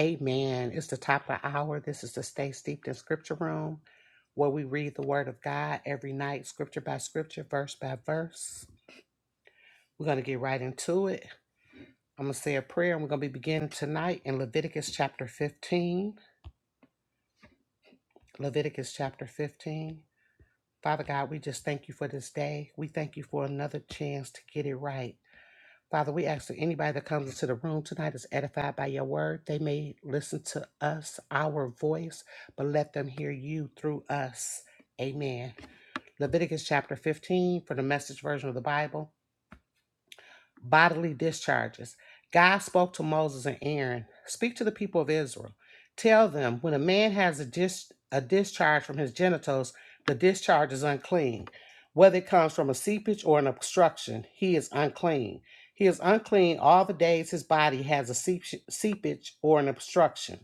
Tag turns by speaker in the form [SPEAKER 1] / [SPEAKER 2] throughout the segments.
[SPEAKER 1] Amen. It's the top of the hour. This is the Stay Steeped in Scripture Room, where we read the Word of God every night, scripture by scripture, verse by verse. We're going to get right into it. I'm going to say a prayer, and we're going to be beginning tonight in Leviticus chapter 15. Leviticus chapter 15. Father God, we just thank you for this day. We thank you for another chance to get it right. Father, we ask that anybody that comes into the room tonight is edified by your word. They may listen to us, our voice, but let them hear you through us. Amen. Leviticus chapter 15 for the message version of the Bible bodily discharges. God spoke to Moses and Aaron Speak to the people of Israel. Tell them when a man has a, dis- a discharge from his genitals, the discharge is unclean. Whether it comes from a seepage or an obstruction, he is unclean. He is unclean all the days his body has a seep- seepage or an obstruction.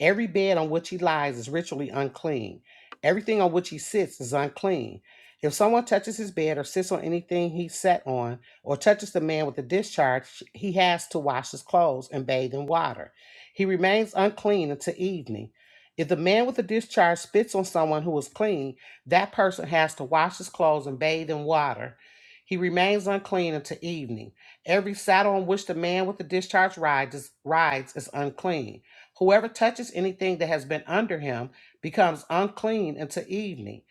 [SPEAKER 1] Every bed on which he lies is ritually unclean. Everything on which he sits is unclean. If someone touches his bed or sits on anything he sat on, or touches the man with a discharge, he has to wash his clothes and bathe in water. He remains unclean until evening. If the man with a discharge spits on someone who is clean, that person has to wash his clothes and bathe in water. He remains unclean until evening. Every saddle on which the man with the discharge rides is, rides is unclean. Whoever touches anything that has been under him becomes unclean until evening.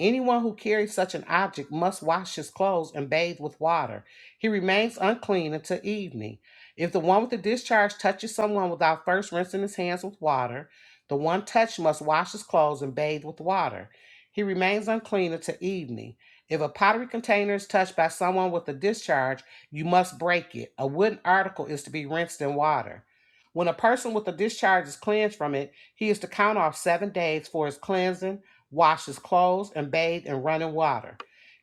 [SPEAKER 1] Anyone who carries such an object must wash his clothes and bathe with water. He remains unclean until evening. If the one with the discharge touches someone without first rinsing his hands with water, the one touched must wash his clothes and bathe with water. He remains unclean until evening. If a pottery container is touched by someone with a discharge, you must break it. A wooden article is to be rinsed in water. When a person with a discharge is cleansed from it, he is to count off seven days for his cleansing, wash his clothes, and bathe in running water.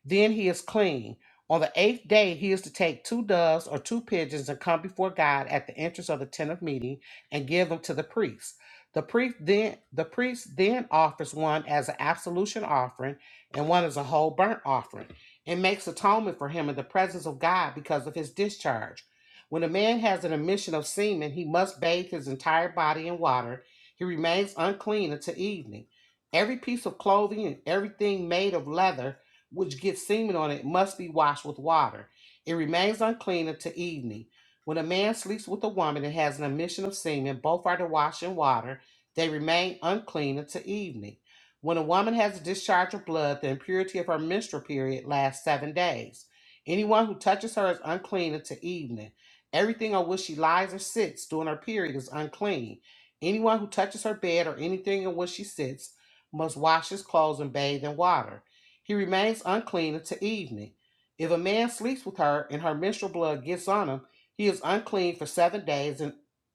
[SPEAKER 1] Then he is clean. On the eighth day, he is to take two doves or two pigeons and come before God at the entrance of the tent of meeting and give them to the priest. The priest then the priest then offers one as an absolution offering and one as a whole burnt offering, and makes atonement for him in the presence of God because of his discharge. When a man has an emission of semen, he must bathe his entire body in water. He remains unclean until evening. Every piece of clothing and everything made of leather which gets semen on it must be washed with water. It remains unclean until evening. When a man sleeps with a woman and has an emission of semen, both are to wash in water. They remain unclean until evening. When a woman has a discharge of blood, the impurity of her menstrual period lasts seven days. Anyone who touches her is unclean until evening. Everything on which she lies or sits during her period is unclean. Anyone who touches her bed or anything on which she sits must wash his clothes and bathe in water. He remains unclean until evening. If a man sleeps with her and her menstrual blood gets on him, he is unclean for seven days, and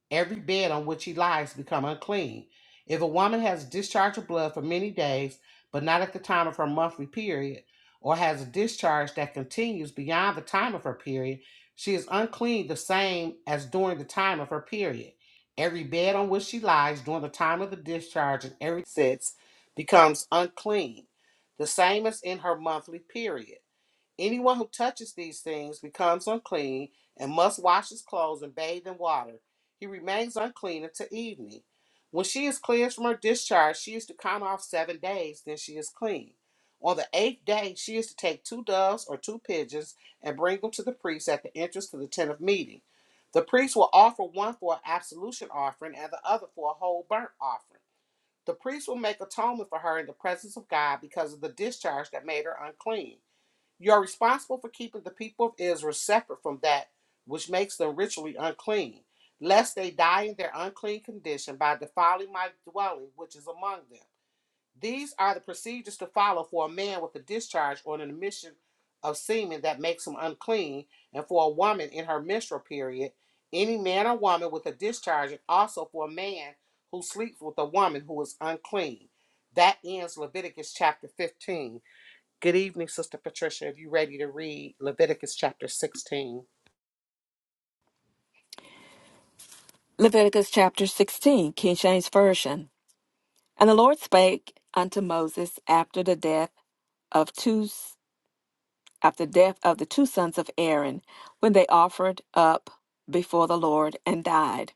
[SPEAKER 1] every bed on which he lies become unclean. If a woman has discharge of blood for many days, but not at the time of her monthly period, or has a discharge that continues beyond the time of her period, she is unclean the same as during the time of her period. Every bed on which she lies during the time of the discharge and every sits becomes unclean the same as in her monthly period. Anyone who touches these things becomes unclean and must wash his clothes and bathe in water. He remains unclean until evening. When she is cleansed from her discharge, she is to count off seven days, then she is clean. On the eighth day, she is to take two doves or two pigeons and bring them to the priest at the entrance to the tent of meeting. The priest will offer one for an absolution offering and the other for a whole burnt offering. The priest will make atonement for her in the presence of God because of the discharge that made her unclean. You are responsible for keeping the people of Israel separate from that which makes them ritually unclean, lest they die in their unclean condition by defiling my dwelling which is among them. These are the procedures to follow for a man with a discharge or an emission of semen that makes him unclean, and for a woman in her menstrual period, any man or woman with a discharge, and also for a man who sleeps with a woman who is unclean. That ends Leviticus chapter 15. Good evening, Sister Patricia. If you're ready to read Leviticus chapter 16,
[SPEAKER 2] Leviticus chapter 16, King James Version. And the Lord spake unto Moses after the death of two after the death of the two sons of Aaron, when they offered up before the Lord and died.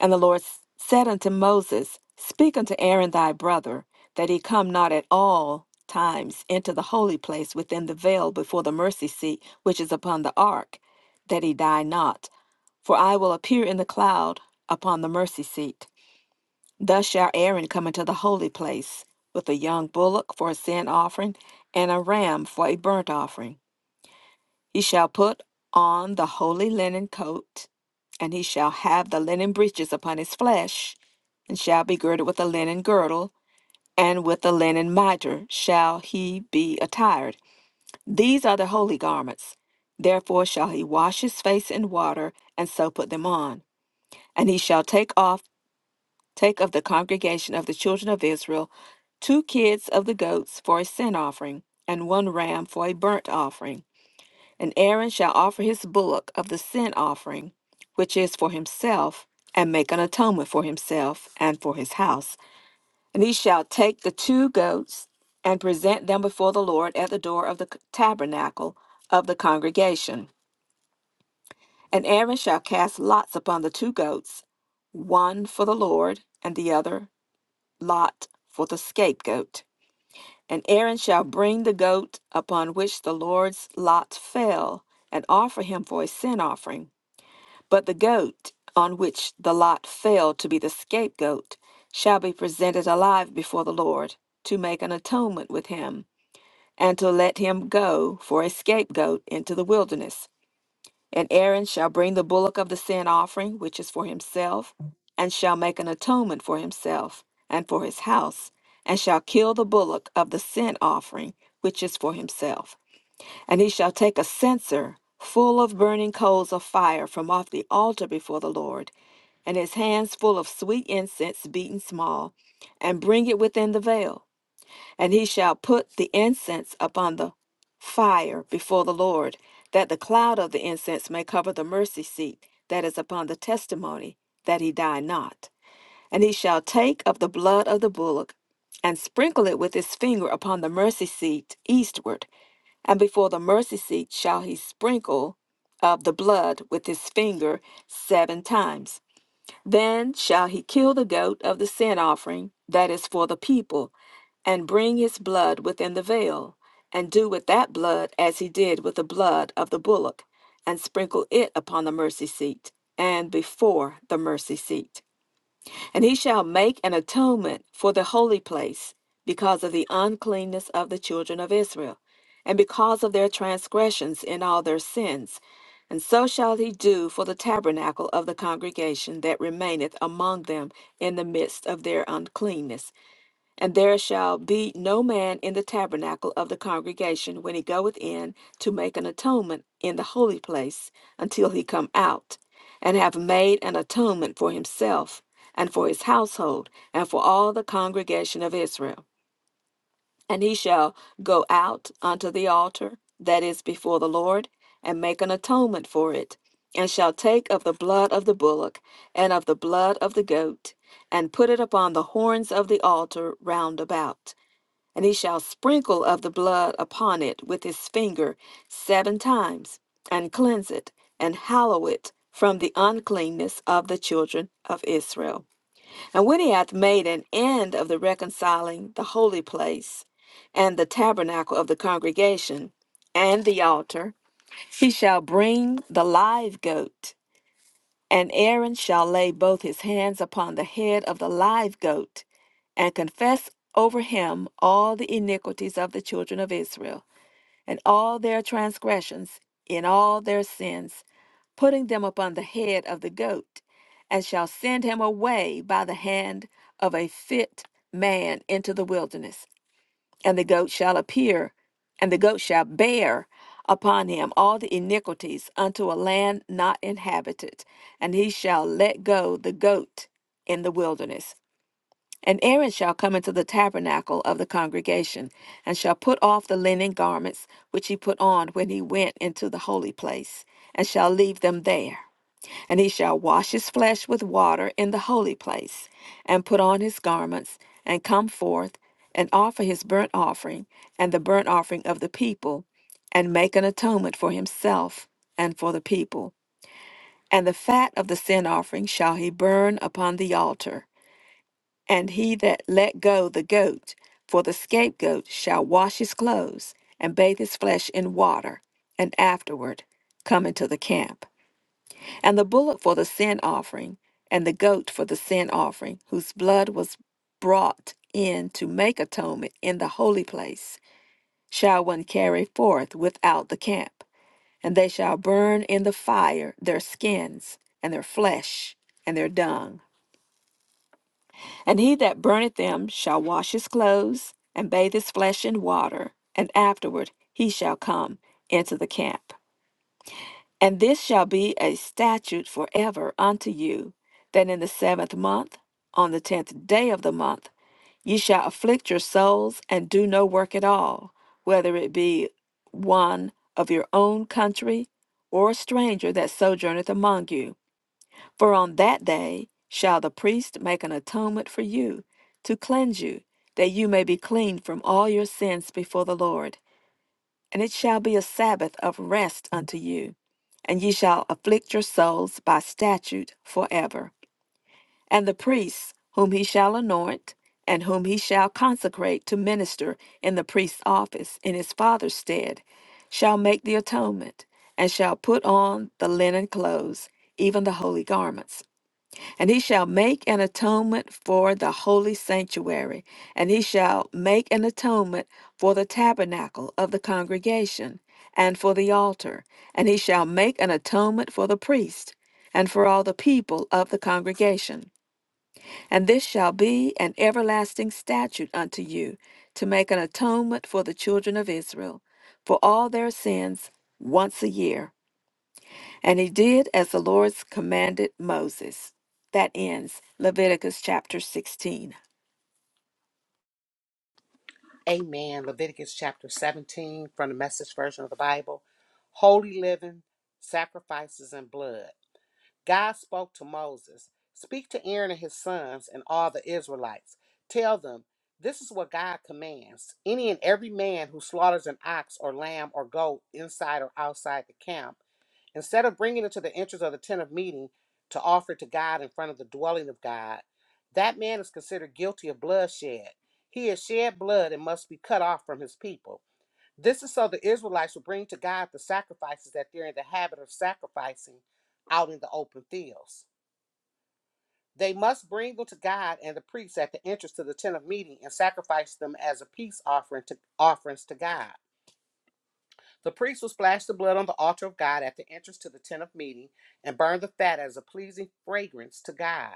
[SPEAKER 2] And the Lord s- said unto Moses, Speak unto Aaron thy brother, that he come not at all times into the holy place within the veil before the mercy seat which is upon the ark, that he die not. For I will appear in the cloud upon the mercy seat. Thus shall Aaron come into the holy place with a young bullock for a sin offering and a ram for a burnt offering. He shall put on the holy linen coat, and he shall have the linen breeches upon his flesh, and shall be girded with a linen girdle, and with a linen mitre shall he be attired. These are the holy garments. Therefore shall he wash his face in water, and so put them on. And he shall take off. Take of the congregation of the children of Israel two kids of the goats for a sin offering, and one ram for a burnt offering. And Aaron shall offer his bullock of the sin offering, which is for himself, and make an atonement for himself and for his house. And he shall take the two goats and present them before the Lord at the door of the tabernacle of the congregation. And Aaron shall cast lots upon the two goats, one for the Lord and the other lot for the scapegoat. And Aaron shall bring the goat upon which the Lord's lot fell, and offer him for a sin offering. But the goat on which the lot fell to be the scapegoat shall be presented alive before the Lord, to make an atonement with him, and to let him go for a scapegoat into the wilderness. And Aaron shall bring the bullock of the sin offering, which is for himself, and shall make an atonement for himself and for his house, and shall kill the bullock of the sin offering, which is for himself. And he shall take a censer full of burning coals of fire from off the altar before the Lord, and his hands full of sweet incense beaten small, and bring it within the veil. And he shall put the incense upon the fire before the Lord, that the cloud of the incense may cover the mercy seat that is upon the testimony, that he die not. And he shall take of the blood of the bullock, and sprinkle it with his finger upon the mercy seat eastward, and before the mercy seat shall he sprinkle of the blood with his finger seven times. Then shall he kill the goat of the sin offering that is for the people, and bring his blood within the veil, and do with that blood as he did with the blood of the bullock, and sprinkle it upon the mercy seat, and before the mercy seat. And he shall make an atonement for the holy place because of the uncleanness of the children of Israel, and because of their transgressions in all their sins. And so shall he do for the tabernacle of the congregation that remaineth among them in the midst of their uncleanness. And there shall be no man in the tabernacle of the congregation when he goeth in to make an atonement in the holy place until he come out, and have made an atonement for himself, and for his household, and for all the congregation of Israel. And he shall go out unto the altar that is before the Lord, and make an atonement for it, and shall take of the blood of the bullock, and of the blood of the goat, and put it upon the horns of the altar round about and he shall sprinkle of the blood upon it with his finger seven times, and cleanse it, and hallow it from the uncleanness of the children of Israel. And when he hath made an end of the reconciling the holy place, and the tabernacle of the congregation, and the altar, he shall bring the live goat and Aaron shall lay both his hands upon the head of the live goat, and confess over him all the iniquities of the children of Israel, and all their transgressions, in all their sins, putting them upon the head of the goat, and shall send him away by the hand of a fit man into the wilderness and the goat shall appear, and the goat shall bear upon him all the iniquities unto a land not inhabited, and he shall let go the goat in the wilderness. And Aaron shall come into the tabernacle of the congregation, and shall put off the linen garments which he put on when he went into the holy place, and shall leave them there. And he shall wash his flesh with water in the holy place, and put on his garments, and come forth, and offer his burnt offering, and the burnt offering of the people, and make an atonement for himself and for the people. And the fat of the sin offering shall he burn upon the altar. And he that let go the goat for the scapegoat shall wash his clothes, and bathe his flesh in water, and afterward come into the camp and the bullock for the sin offering, and the goat for the sin offering, whose blood was brought in to make atonement in the holy place, shall one carry forth without the camp. And they shall burn in the fire their skins, and their flesh, and their dung. And he that burneth them shall wash his clothes, and bathe his flesh in water, and afterward he shall come into the camp. And this shall be a statute forever unto you, that in the seventh month, on the tenth day of the month, ye shall afflict your souls and do no work at all, whether it be one of your own country or a stranger that sojourneth among you. For on that day shall the priest make an atonement for you, to cleanse you, that you may be clean from all your sins before the Lord. And it shall be a Sabbath of rest unto you, and ye shall afflict your souls by statute forever. And the priests, whom he shall anoint, and whom he shall consecrate to minister in the priest's office in his father's stead, shall make the atonement, and shall put on the linen clothes, even the holy garments. And he shall make an atonement for the holy sanctuary, and he shall make an atonement for the tabernacle of the congregation, and for the altar, and he shall make an atonement for the priest, and for all the people of the congregation. And this shall be an everlasting statute unto you, to make an atonement for the children of Israel, for all their sins once a year. And he did as the Lord commanded Moses. That ends Leviticus chapter 16.
[SPEAKER 1] Amen. Leviticus chapter 17 from the message version of the Bible. Holy living, sacrifices, and blood. God spoke to Moses Speak to Aaron and his sons and all the Israelites. Tell them, this is what God commands. Any and every man who slaughters an ox or lamb or goat inside or outside the camp, instead of bringing it to the entrance of the tent of meeting to offer it to God in front of the dwelling of God, that man is considered guilty of bloodshed. He has shed blood and must be cut off from his people. This is so the Israelites will bring to God the sacrifices that they're in the habit of sacrificing out in the open fields. They must bring them to God and the priests at the entrance to the tent of meeting and sacrifice them as a peace offering to offerings to God. The priest will splash the blood on the altar of God at the entrance to the tent of meeting and burn the fat as a pleasing fragrance to God.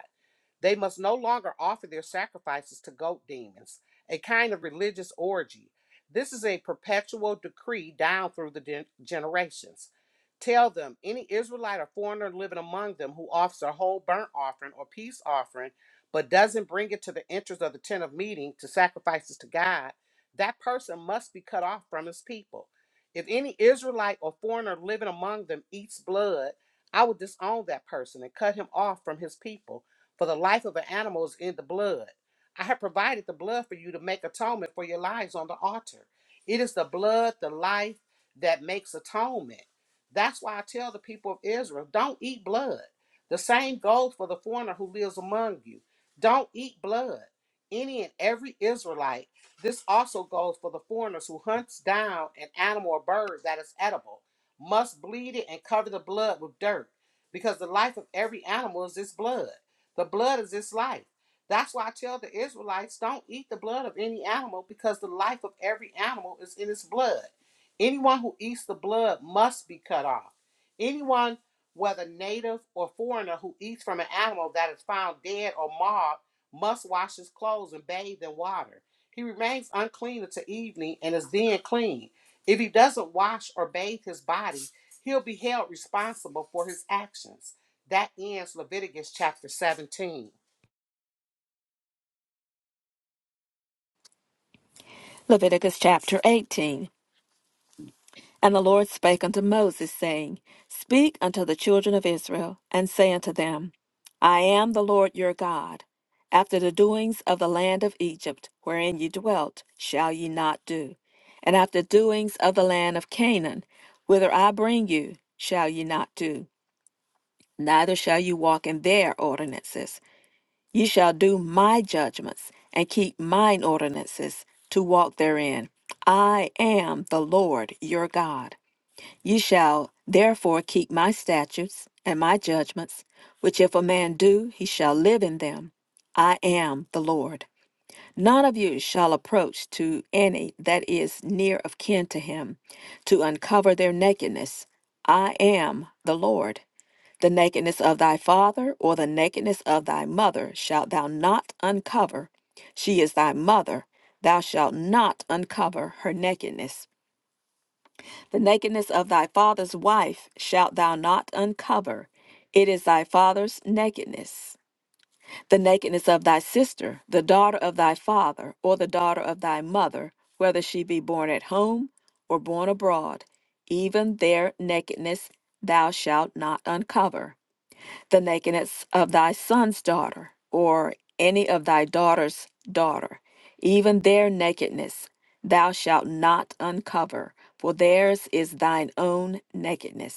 [SPEAKER 1] They must no longer offer their sacrifices to goat demons, a kind of religious orgy. This is a perpetual decree down through the gen- generations. Tell them any Israelite or foreigner living among them who offers a whole burnt offering or peace offering, but doesn't bring it to the entrance of the tent of meeting to sacrifices to God, that person must be cut off from his people. If any Israelite or foreigner living among them eats blood, I will disown that person and cut him off from his people, for the life of an animal is in the blood. I have provided the blood for you to make atonement for your lives on the altar. It is the blood, the life that makes atonement. That's why I tell the people of Israel don't eat blood. The same goes for the foreigner who lives among you. Don't eat blood. Any and every Israelite this also goes for the foreigners who hunts down an animal or bird that is edible, must bleed it and cover the blood with dirt, because the life of every animal is its blood. The blood is its life. That's why I tell the Israelites don't eat the blood of any animal, because the life of every animal is in its blood. Anyone who eats the blood must be cut off. Anyone, whether native or foreigner, who eats from an animal that is found dead or marred, must wash his clothes and bathe in water. He remains unclean until evening and is then clean. If he doesn't wash or bathe his body, he'll be held responsible for his actions. That ends Leviticus chapter 17.
[SPEAKER 2] Leviticus chapter 18. And the Lord spake unto Moses, saying, Speak unto the children of Israel, and say unto them, I am the Lord your God. After the doings of the land of Egypt, wherein ye dwelt, shall ye not do. And after doings of the land of Canaan, whither I bring you, shall ye not do. Neither shall you walk in their ordinances Ye shall do my judgments and keep mine ordinances to walk therein. I am the Lord your God. Ye shall therefore keep my statutes and my judgments, which if a man do, he shall live in them. I am the Lord. None of you shall approach to any that is near of kin to him to uncover their nakedness. I am the Lord. The nakedness of thy father or the nakedness of thy mother shalt thou not uncover. She is thy mother. Thou shalt not uncover her nakedness. The nakedness of thy father's wife shalt thou not uncover. It is thy father's nakedness the nakedness of thy sister, the daughter of thy father, or the daughter of thy mother, whether she be born at home or born abroad, even their nakedness thou shalt not uncover. The nakedness of thy son's daughter, or any of thy daughter's daughter, even their nakedness thou shalt not uncover, for theirs is thine own nakedness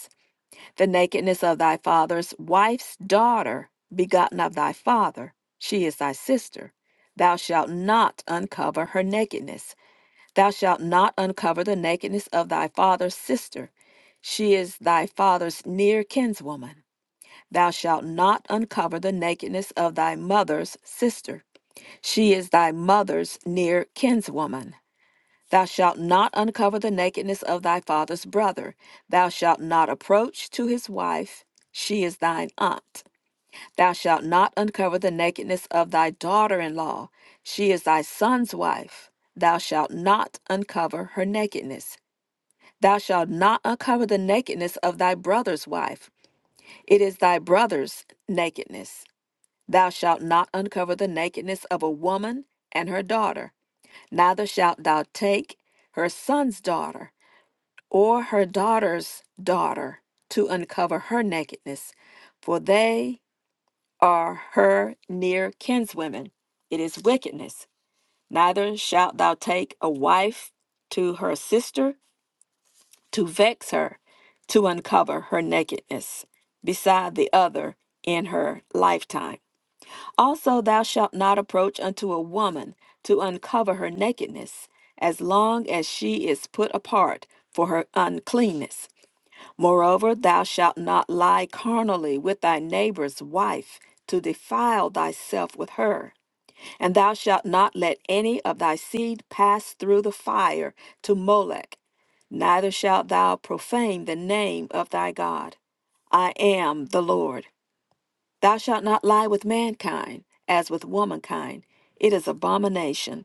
[SPEAKER 2] the nakedness of thy father's wife's daughter, begotten of thy father, she is thy sister. Thou shalt not uncover her nakedness. Thou shalt not uncover the nakedness of thy father's sister. She is thy father's near kinswoman. Thou shalt not uncover the nakedness of thy mother's sister. She is thy mother's near kinswoman. Thou shalt not uncover the nakedness of thy father's brother. Thou shalt not approach to his wife. She is thine aunt. Thou shalt not uncover the nakedness of thy daughter in law. She is thy son's wife. Thou shalt not uncover her nakedness. Thou shalt not uncover the nakedness of thy brother's wife. It is thy brother's nakedness. Thou shalt not uncover the nakedness of a woman and her daughter. Neither shalt thou take her son's daughter or her daughter's daughter to uncover her nakedness, for they are her near kinswomen. It is wickedness. Neither shalt thou take a wife to her sister to vex her, to uncover her nakedness, beside the other in her lifetime. Also, thou shalt not approach unto a woman to uncover her nakedness, as long as she is put apart for her uncleanness Moreover, thou shalt not lie carnally with thy neighbor's wife to defile thyself with her. And thou shalt not let any of thy seed pass through the fire to Molech, neither shalt thou profane the name of thy God. I am the Lord. Thou shalt not lie with mankind as with womankind. It is abomination.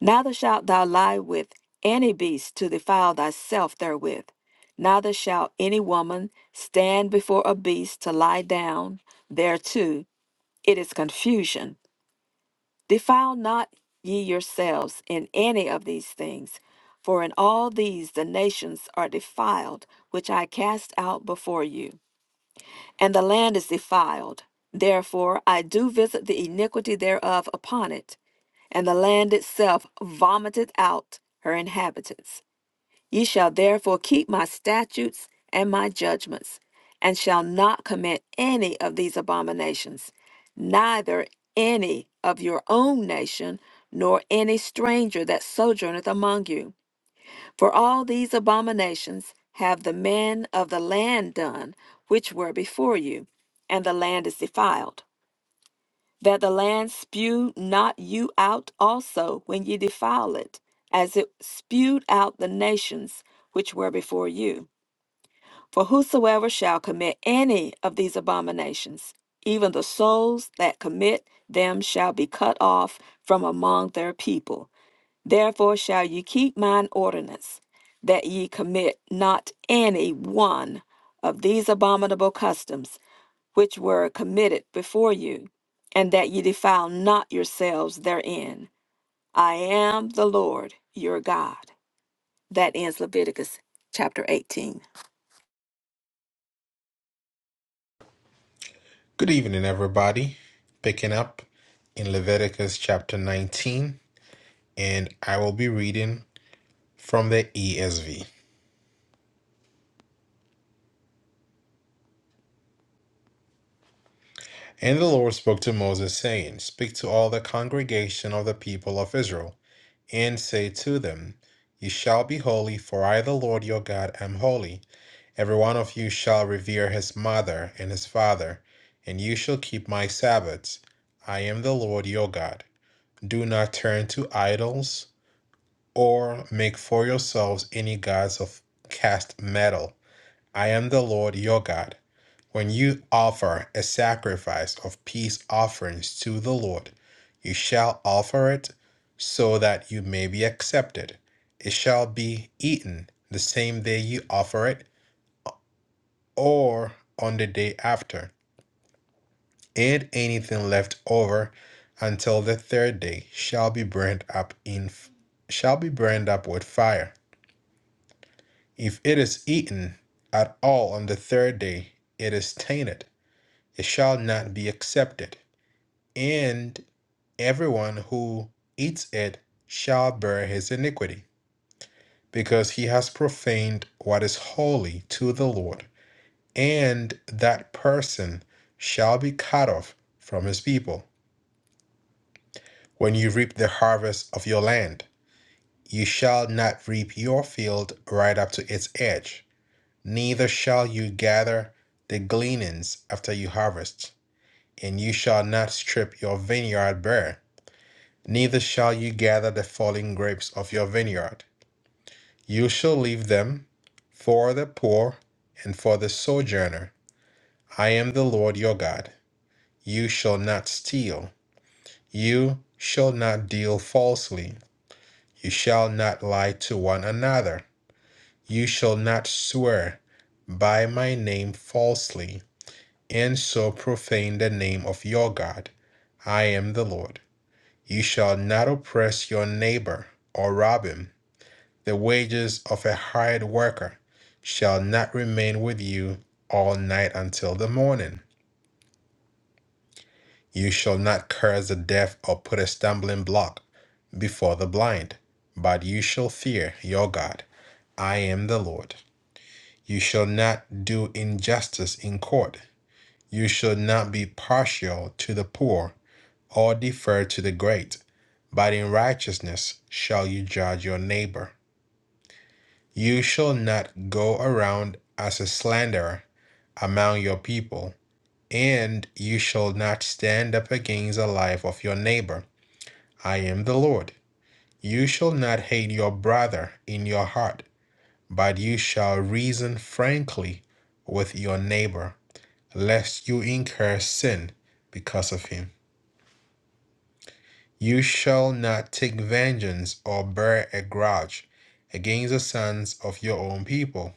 [SPEAKER 2] Neither shalt thou lie with any beast to defile thyself therewith. Neither shall any woman stand before a beast to lie down thereto. It is confusion. Defile not ye yourselves in any of these things, for in all these the nations are defiled, which I cast out before you and the land is defiled. Therefore, I do visit the iniquity thereof upon it, and the land itself vomiteth out her inhabitants. Ye shall therefore keep my statutes and my judgments, and shall not commit any of these abominations, neither any of your own nation, nor any stranger that sojourneth among you for all these abominations have the men of the land done, which were before you, and the land is defiled. That the land spew not you out also when ye defile it, as it spewed out the nations which were before you. For whosoever shall commit any of these abominations, even the souls that commit them shall be cut off from among their people Therefore shall ye keep mine ordinance, that ye commit not any one of these abominable customs which were committed before you, and that ye defile not yourselves therein. I am the Lord your God. That ends Leviticus chapter 18.
[SPEAKER 3] Good evening, everybody. Picking up in Leviticus chapter 19, and I will be reading from the ESV. And the Lord spoke to Moses, saying, Speak to all the congregation of the people of Israel, and say to them, You shall be holy, for I, the Lord your God, am holy. Every one of you shall revere his mother and his father, and you shall keep my Sabbaths. I am the Lord your God. Do not turn to idols or make for yourselves any gods of cast metal. I am the Lord your God. When you offer a sacrifice of peace offerings to the Lord, you shall offer it so that you may be accepted. It shall be eaten the same day you offer it or on the day after, and anything left over until the third day shall be burned up in shall be burned up with fire. If it is eaten at all on the third day, it is tainted. It shall not be accepted. And everyone who eats it shall bear his iniquity, because he has profaned what is holy to the Lord. And that person shall be cut off from his people. When you reap the harvest of your land, you shall not reap your field right up to its edge Neither shall you gather the gleanings after you harvest, and you shall not strip your vineyard bare, neither shall you gather the fallen grapes of your vineyard. You shall leave them for the poor and for the sojourner. I am the Lord your God. You shall not steal. You shall not deal falsely. You shall not lie to one another. You shall not swear by my name falsely and so profane the name of your God. I am the Lord. You shall not oppress your neighbor or rob him. The wages of a hired worker shall not remain with you all night until the morning. You shall not curse the deaf or put a stumbling block before the blind, but you shall fear your God. I am the Lord. You shall not do injustice in court. You shall not be partial to the poor or defer to the great, but in righteousness shall you judge your neighbor. You shall not go around as a slanderer among your people, and you shall not stand up against the life of your neighbor. I am the Lord. You shall not hate your brother in your heart, but you shall reason frankly with your neighbor, lest you incur sin because of him. You shall not take vengeance or bear a grudge against the sons of your own people,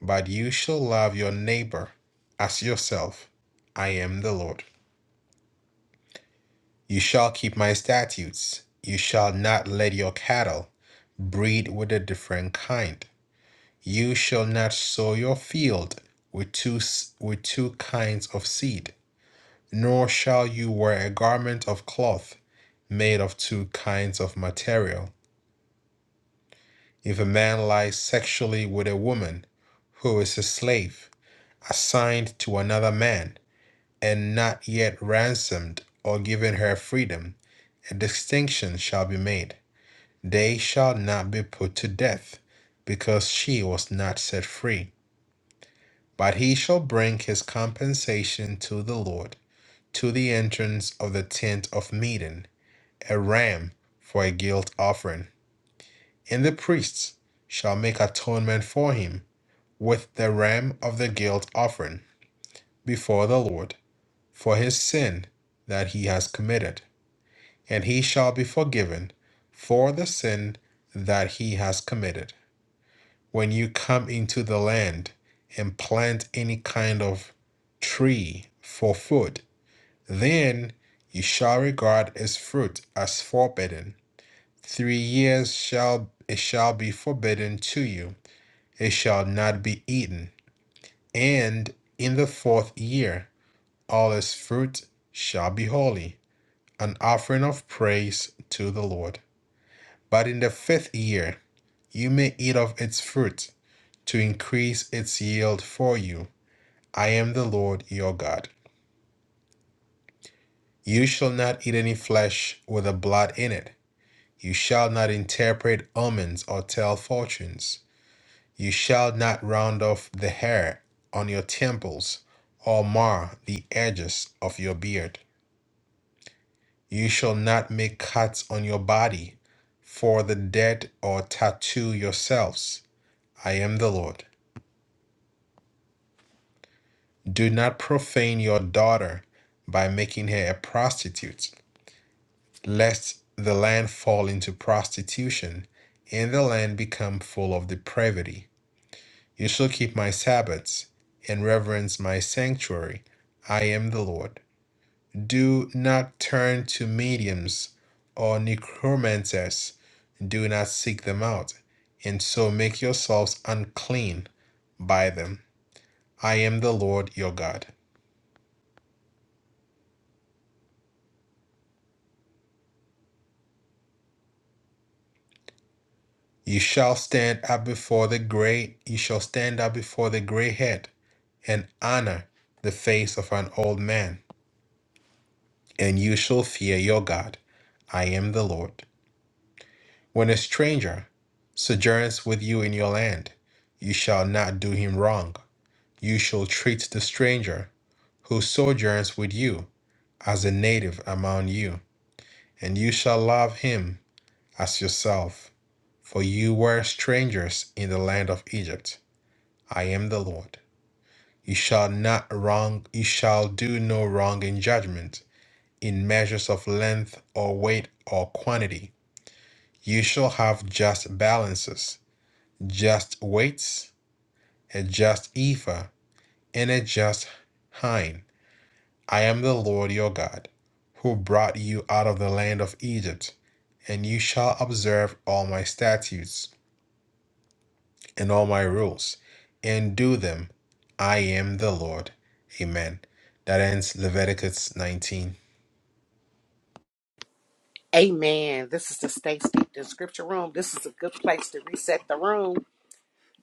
[SPEAKER 3] but you shall love your neighbor as yourself. I am the Lord. You shall keep my statutes. You shall not let your cattle breed with a different kind. You shall not sow your field with two, s- with two kinds of seed, nor shall you wear a garment of cloth made of two kinds of material If a man lies sexually with a woman who is a slave, assigned to another man, and not yet ransomed or given her freedom, a distinction shall be made. They shall not be put to death, because she was not set free. But he shall bring his compensation to the Lord, to the entrance of the tent of meeting, a ram for a guilt offering. And the priests shall make atonement for him with the ram of the guilt offering before the Lord for his sin that he has committed, and he shall be forgiven for the sin that he has committed. When you come into the land and plant any kind of tree for food, then you shall regard its fruit as forbidden. Three years shall it shall be forbidden to you; it shall not be eaten. And in the fourth year all its fruit shall be holy, an offering of praise to the Lord. But in the fifth year you may eat of its fruit, to increase its yield for you. I am the Lord your God. You shall not eat any flesh with the blood in it. You shall not interpret omens or tell fortunes. You shall not round off the hair on your temples or mar the edges of your beard. You shall not make cuts on your body for the dead or tattoo yourselves. I am the Lord. Do not profane your daughter by making her a prostitute, lest the land fall into prostitution and the land become full of depravity. You shall keep my Sabbaths and reverence my sanctuary. I am the Lord. Do not turn to mediums or necromancers. Do not seek them out, and so make yourselves unclean by them. I am the Lord your God. You shall stand up before the great, you shall stand up before the gray head, and honor the face of an old man, and you shall fear your God. I am the Lord. When a stranger sojourns with you in your land, you shall not do him wrong You shall treat the stranger who sojourns with you as a native among you, and you shall love him as yourself. For you were strangers in the land of Egypt. I am the Lord. You shall not wrong, you shall do no wrong in judgment, in measures of length or weight or quantity. You shall have just balances, just weights, a just ephah, and a just hin. I am the Lord your God, who brought you out of the land of Egypt, and you shall observe all my statutes and all my rules, and do them. I am the Lord. Amen. That ends Leviticus 19.
[SPEAKER 1] Amen. This is the Stay Steeped in Scripture Room. This is a good place to reset the room.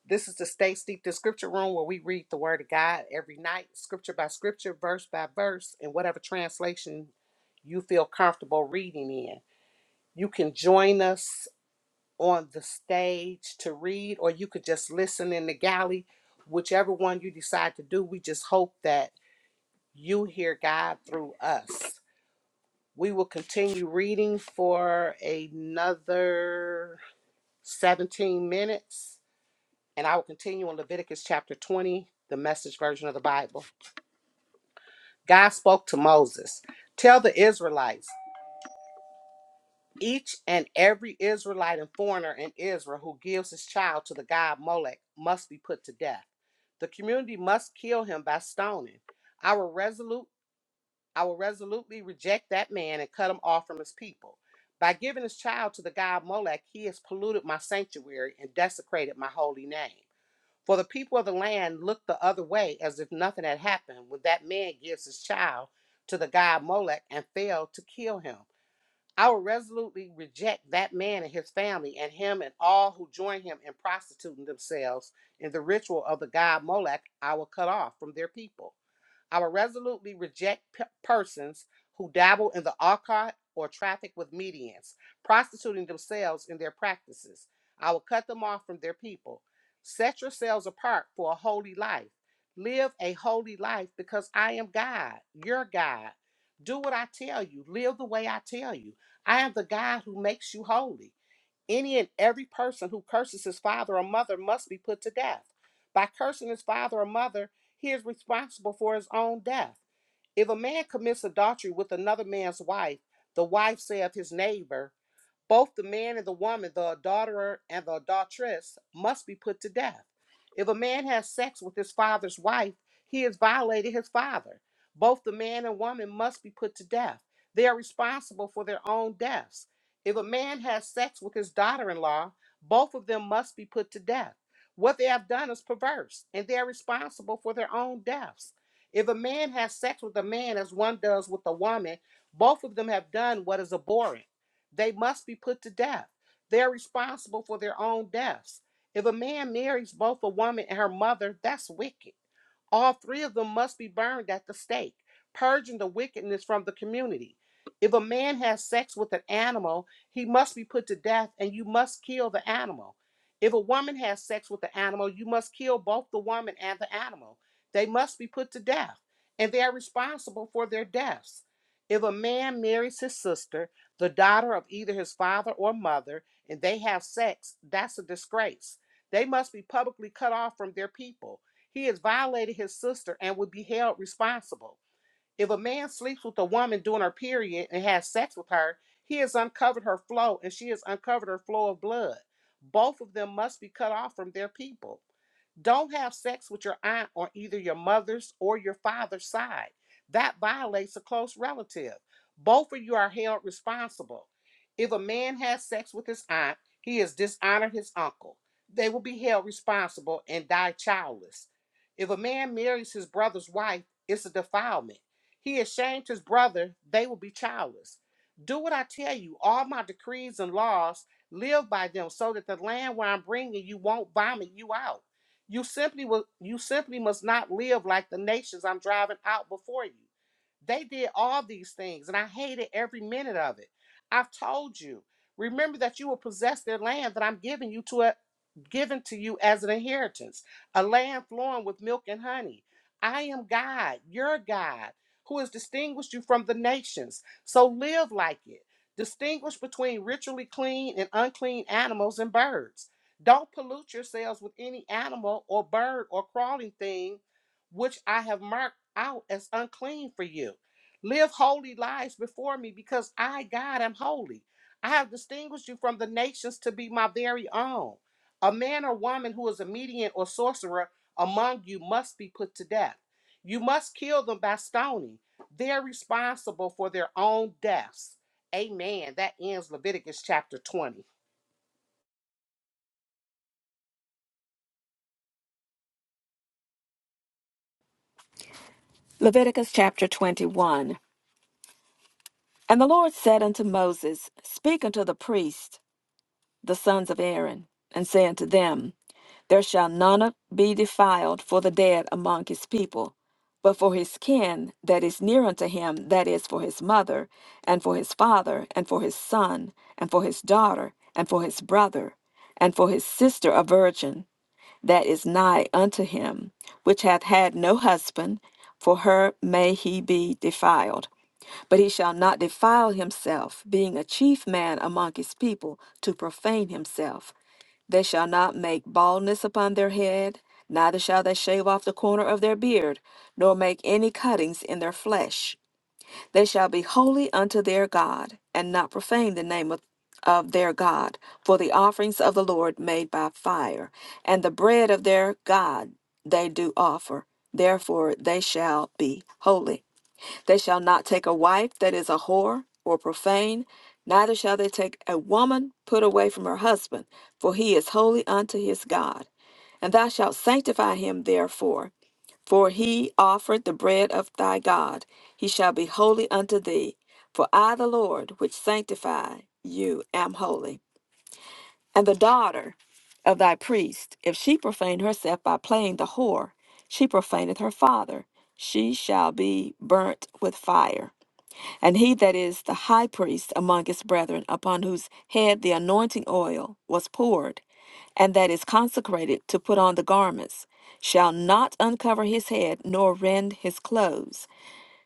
[SPEAKER 1] This is the Stay Steeped in Scripture Room where we read the Word of God every night, scripture by scripture, verse by verse, in whatever translation you feel comfortable reading in. You can join us on the stage to read, or you could just listen in the galley. Whichever one you decide to do, we just hope that you hear God through us. We will continue reading for another 17 minutes, and I will continue on Leviticus chapter 20, the message version of the Bible. God spoke to Moses Tell the Israelites, Each and every Israelite and foreigner in Israel who gives his child to the god Molech must be put to death. The community must kill him by stoning. I will resolute I will resolutely reject that man and cut him off from his people. By giving his child to the god Molech, he has polluted my sanctuary and desecrated my holy name. For the people of the land look the other way as if nothing had happened when that man gives his child to the god Molech and failed to kill him. I will resolutely reject that man and his family and him and all who join him in prostituting themselves in the ritual of the god Molech I will cut off from their people. I will resolutely reject p- persons who dabble in the occult or traffic with mediums, prostituting themselves in their practices. I will cut them off from their people. Set yourselves apart for a holy life. Live a holy life because I am God, your God. Do what I tell you, live the way I tell you. I am the God who makes you holy. Any and every person who curses his father or mother must be put to death. By cursing his father or mother, he is responsible for his own death. If a man commits adultery with another man's wife, the wife say of his neighbor, both the man and the woman, the adulterer and the adulteress, must be put to death. If a man has sex with his father's wife, he has violated his father. Both the man and woman must be put to death. They are responsible for their own deaths. If a man has sex with his daughter in law, both of them must be put to death. What they have done is perverse, and they are responsible for their own deaths. If a man has sex with a man as one does with a woman, both of them have done what is abhorrent. They must be put to death. They're responsible for their own deaths. If a man marries both a woman and her mother, that's wicked. All three of them must be burned at the stake, purging the wickedness from the community. If a man has sex with an animal, he must be put to death and you must kill the animal. If a woman has sex with the animal, you must kill both the woman and the animal. They must be put to death, and they are responsible for their deaths. If a man marries his sister, the daughter of either his father or mother and they have sex, that's a disgrace. They must be publicly cut off from their people. He has violated his sister and would be held responsible. If a man sleeps with a woman during her period and has sex with her, he has uncovered her flow and she has uncovered her flow of blood. Both of them must be cut off from their people. Don't have sex with your aunt on either your mother's or your father's side. That violates a close relative. Both of you are held responsible. If a man has sex with his aunt, he has dishonored his uncle. They will be held responsible and die childless. If a man marries his brother's wife, it's a defilement. He has shamed his brother, they will be childless. Do what I tell you, all my decrees and laws, live by them so that the land where I'm bringing you won't vomit you out. You simply will you simply must not live like the nations I'm driving out before you. They did all these things, and I hated every minute of it. I've told you. Remember that you will possess their land that I'm giving you to given to you as an inheritance, a land flowing with milk and honey. I am God, your God, who has distinguished you from the nations. So live like it. Distinguish between ritually clean and unclean animals and birds. Don't pollute yourselves with any animal or bird or crawling thing which I have marked out as unclean for you. Live holy lives before me because I, God, am holy. I have distinguished you from the nations to be my very own. A man or woman who is a medium or sorcerer among you must be put to death. You must kill them by stoning. They're responsible for their own deaths. Amen. That ends Leviticus chapter 20.
[SPEAKER 2] Leviticus chapter 21. And the Lord said unto Moses, Speak unto the priests the sons of Aaron, and say unto them, There shall none be defiled for the dead among his people, but for his kin that is near unto him, that is, for his mother, and for his father, and for his son, and for his daughter, and for his brother, and for his sister a virgin, that is nigh unto him, which hath had no husband, for her may he be defiled. But he shall not defile himself, being a chief man among his people, to profane himself. They shall not make baldness upon their head, neither shall they shave off the corner of their beard, nor make any cuttings in their flesh. They shall be holy unto their God, and not profane the name of, of their God, for the offerings of the Lord made by fire, and the bread of their God they do offer. Therefore they shall be holy. They shall not take a wife that is a whore or profane, neither shall they take a woman put away from her husband, for he is holy unto his God. And thou shalt sanctify him therefore, for he offered the bread of thy God. He shall be holy unto thee. For I, the Lord, which sanctify you, am holy. And the daughter of thy priest, if she profane herself by playing the whore, she profaneth her father. She shall be burnt with fire. And he that is the high priest among his brethren, upon whose head the anointing oil was poured, and that is consecrated to put on the garments, shall not uncover his head nor rend his clothes.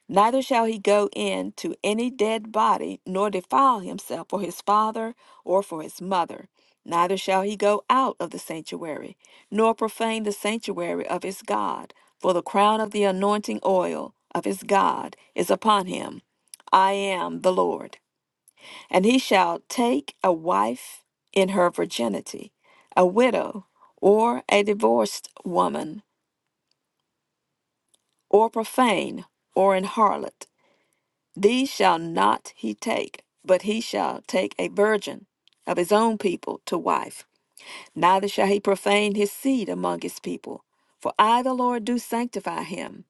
[SPEAKER 2] Neither shall he go in to any dead body, nor defile himself for his father or for his mother. Neither shall he go out of the sanctuary, nor profane the sanctuary of his God. For the crown of the anointing oil of his God is upon him. I am the Lord. And he shall take a wife in her virginity, a widow, or a divorced woman, or profane, or an harlot These shall not he take, but he shall take a virgin of his own people to wife. Neither shall he profane his seed among his people. For I, the Lord, do sanctify him.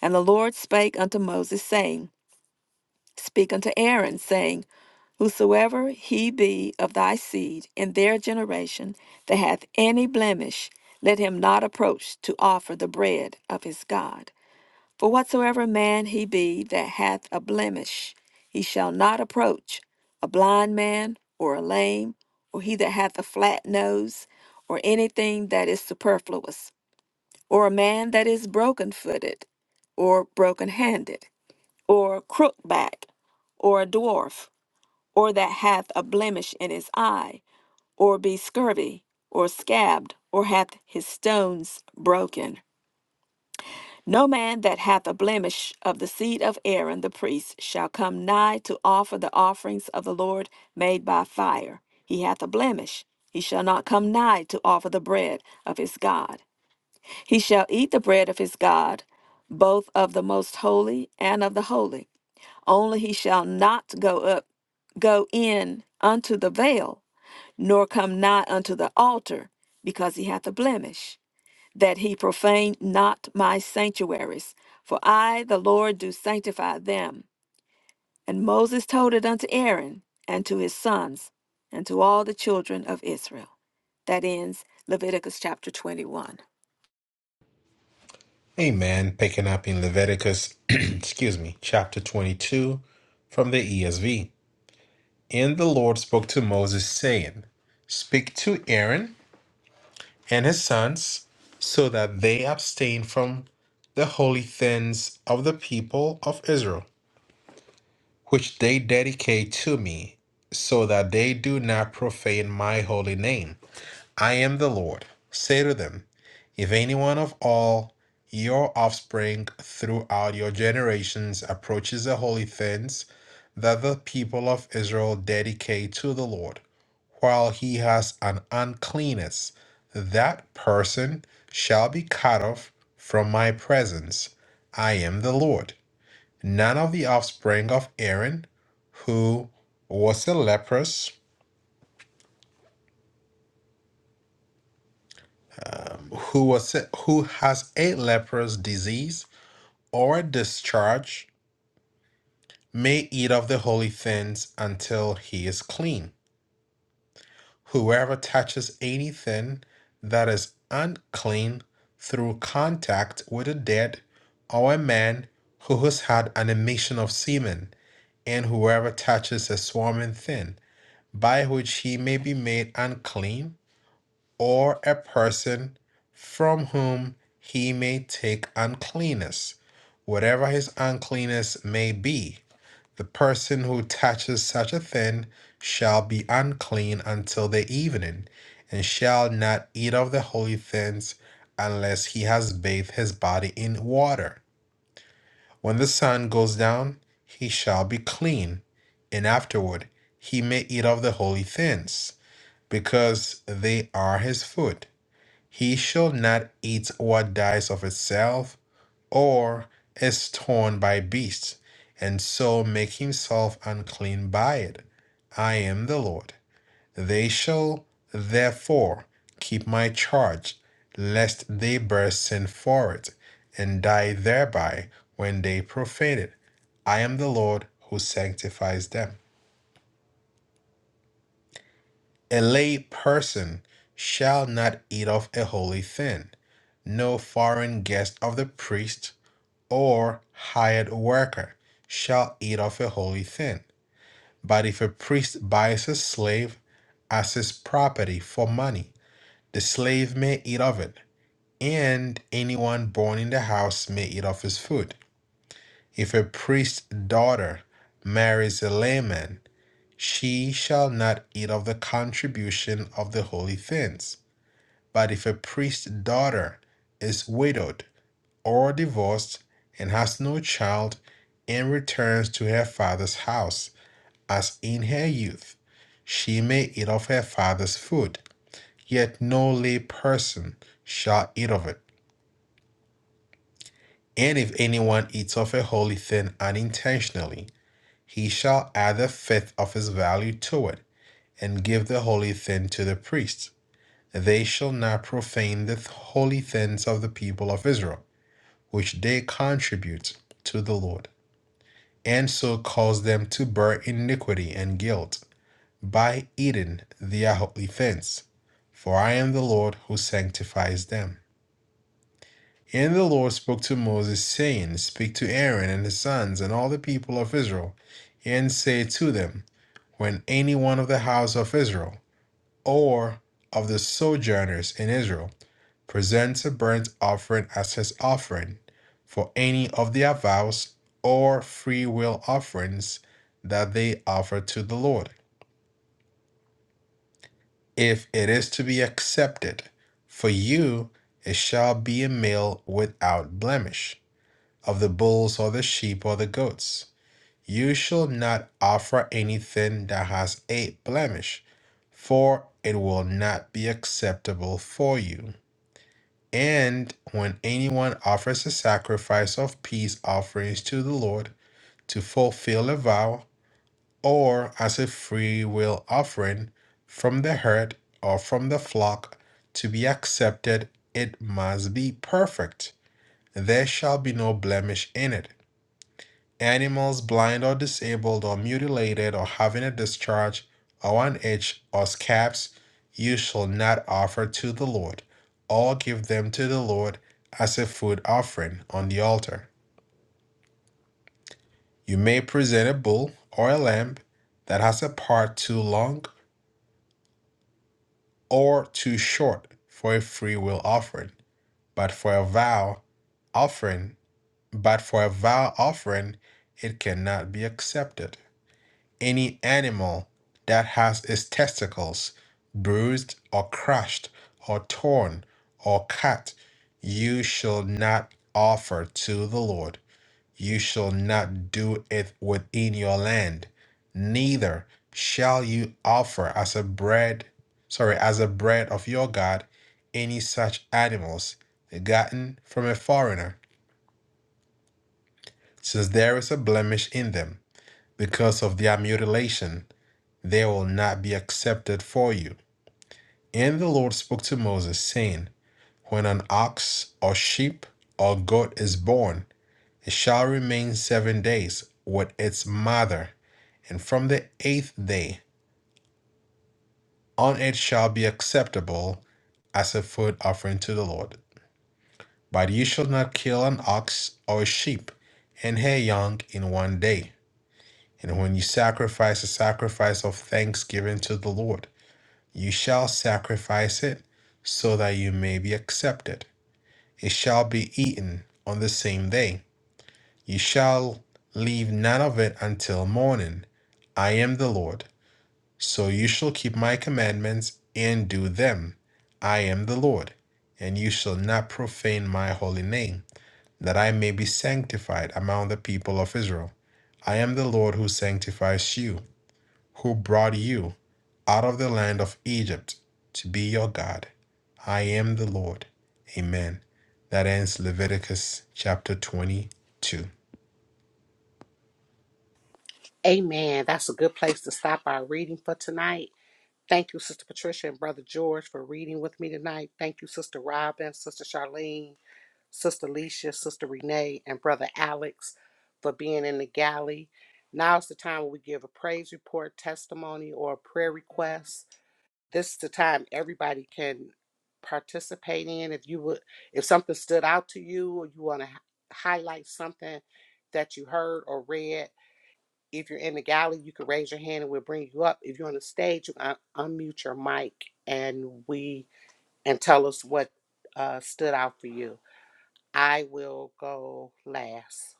[SPEAKER 2] And the Lord spake unto Moses, saying, Speak unto Aaron, saying, Whosoever he be of thy seed in their generation that hath any blemish, let him not approach to offer the bread of his God. For whatsoever man he be that hath a blemish, he shall not approach a blind man, or a lame, or he that hath a flat nose, or anything that is superfluous, or a man that is broken footed, or broken handed, or crook back, or a dwarf, or that hath a blemish in his eye, or be scurvy, or scabbed, or hath his stones broken. No man that hath a blemish of the seed of Aaron the priest shall come nigh to offer the offerings of the Lord made by fire. He hath a blemish. He shall not come nigh to offer the bread of his God. He shall eat the bread of his God, both of the most holy and of the holy. Only he shall not go up, go in unto the veil, nor come nigh unto the altar, because he hath a blemish that he profane not my sanctuaries. For I, the Lord, do sanctify them. And Moses told it unto Aaron, and to his sons, and to all the children of Israel. That ends Leviticus chapter 21.
[SPEAKER 3] Amen. Picking up in Leviticus, excuse me, chapter 22 from the ESV. And the Lord spoke to Moses, saying, Speak to Aaron and his sons, so that they abstain from the holy things of the people of Israel, which they dedicate to me, so that they do not profane my holy name. I am the Lord. Say to them, if anyone of all your offspring throughout your generations approaches the holy things that the people of Israel dedicate to the Lord, while he has an uncleanness, that person shall be cut off from my presence. I am the Lord. None of the offspring of Aaron, who was a leprous, um, who was a- who has a leprous disease or discharge, may eat of the holy things until he is clean. Whoever touches anything that is unclean through contact with the dead or a man who has had an emission of semen, and whoever touches a swarming thing by which he may be made unclean, or a person from whom he may take uncleanness, whatever his uncleanness may be. The person who touches such a thing shall be unclean until the evening, and shall not eat of the holy things unless he has bathed his body in water. When the sun goes down, he shall be clean, and afterward he may eat of the holy things, because they are his food. He shall not eat what dies of itself, or is torn by beasts, and so make himself unclean by it. I am the Lord. They shall therefore keep my charge, lest they bear sin for it, and die thereby when they profane it. I am the Lord who sanctifies them. A lay person shall not eat of a holy thing, no foreign guest of the priest, or hired worker shall eat of a holy thing. But if a priest buys a slave as his property for money, the slave may eat of it, and anyone born in the house may eat of his food. If a priest's daughter marries a layman, she shall not eat of the contribution of the holy things. But if a priest's daughter is widowed, or divorced and has no child and returns to her father's house as in her youth, she may eat of her father's food, yet no lay person shall eat of it. And if anyone eats of a holy thing unintentionally, he shall add a fifth of his value to it, and give the holy thing to the priest. They shall not profane the holy things of the people of Israel, which they contribute to the Lord. and so caused them to bear iniquity and guilt by eating their offense. For I am the Lord who sanctifies them. And the Lord spoke to Moses, saying, Speak to Aaron and his sons and all the people of Israel, and say to them, When any one of the house of Israel or of the sojourners in Israel presents a burnt offering as his offering for any of their vows or free will offerings that they offer to the Lord. If it is to be accepted, for you it shall be a meal without blemish of the bulls or the sheep or the goats. You shall not offer anything that has a blemish, for it will not be acceptable for you. And when anyone offers a sacrifice of peace offerings to the Lord to fulfill a vow, or as a free will offering from the herd or from the flock to be accepted, it must be perfect. There shall be no blemish in it animals blind or disabled or mutilated or having a discharge or an itch or scabs you shall not offer to the lord or give them to the lord as a food offering on the altar you may present a bull or a lamb that has a part too long or too short for a freewill offering but for a vow offering but for a vow offering it cannot be accepted any animal that has its testicles bruised or crushed or torn or cut, you shall not offer to the Lord. You shall not do it within your land. Neither shall you offer as a bread, sorry, as a bread of your God, any such animals gotten from a foreigner, since there is a blemish in them because of their mutilation they will not be accepted for you. And the Lord spoke to Moses, saying, When an ox or sheep or goat is born, it shall remain seven days with its mother, and from the eighth day on it shall be acceptable as a food offering to the Lord. But you shall not kill an ox or a sheep and her young in one day. And when you sacrifice a sacrifice of thanksgiving to the Lord, You shall sacrifice it, so that you may be accepted. It shall be eaten on the same day. You shall leave none of it until morning. I am the Lord. So you shall keep my commandments and do them. I am the Lord. And you shall not profane my holy name, that I may be sanctified among the people of Israel. I am the Lord who sanctifies you who brought you out of the land of Egypt to be your God. I am the Lord. Amen. That ends Leviticus chapter 22.
[SPEAKER 1] Amen. That's a good place to stop our reading for tonight. Thank you, Sister Patricia and Brother George, for reading with me tonight. Thank you, Sister Robin, Sister Charlene, Sister Leisha, Sister Renee, and Brother Alex for being in the galley. Now's the time where we give a praise report, testimony, or a prayer request. This is the time everybody can participate in. If you would, if something stood out to you, or you want to h- highlight something that you heard or read, if you're in the galley, you can raise your hand and we'll bring you up. If you're on the stage, you can un- unmute your mic and we and tell us what uh, stood out for you. I will go last.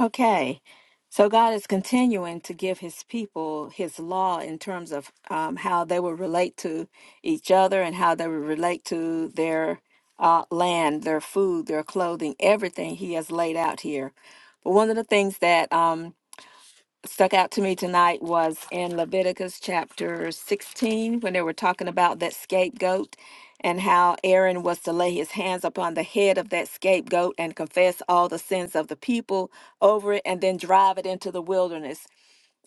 [SPEAKER 2] Okay. So God is continuing to give his people his law in terms of um, how they will relate to each other and how they will relate to their uh, land, their food, their clothing, everything he has laid out here. But one of the things that um, stuck out to me tonight was in Leviticus chapter 16 when they were talking about that scapegoat and how Aaron was to lay his hands upon the head of that scapegoat and confess all the sins of the people over it and then drive it into the wilderness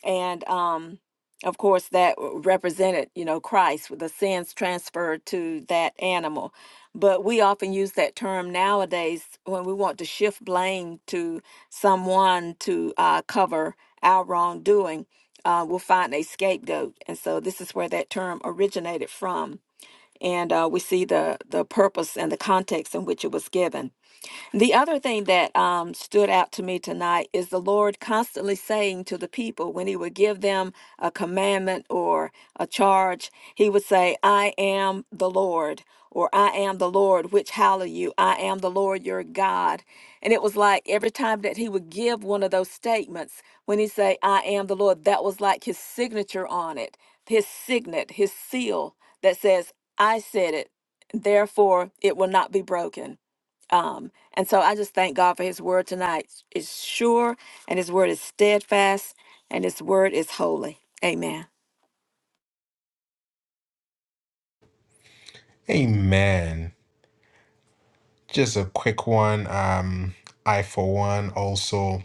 [SPEAKER 2] and um of course that represented you know christ with the sins transferred to that animal but we often use that term nowadays when we want to shift blame to someone to uh, cover our wrongdoing uh, we'll find a scapegoat and so this is where that term originated from and uh, we see the the purpose and the context in which it was given the other thing that um, stood out to me tonight is the Lord constantly saying to the people when He would give them a commandment or a charge, He would say, I am the Lord, or I am the Lord, which hallow you, I am the Lord your God. And it was like every time that He would give one of those statements, when He say, I am the Lord, that was like His signature on it, His signet, His seal that says, I said it, therefore it will not be broken. Um, and so I just thank God for his word tonight. It's sure and his word is steadfast and his word is holy. Amen.
[SPEAKER 3] Amen. Just a quick one. Um, I, for one, also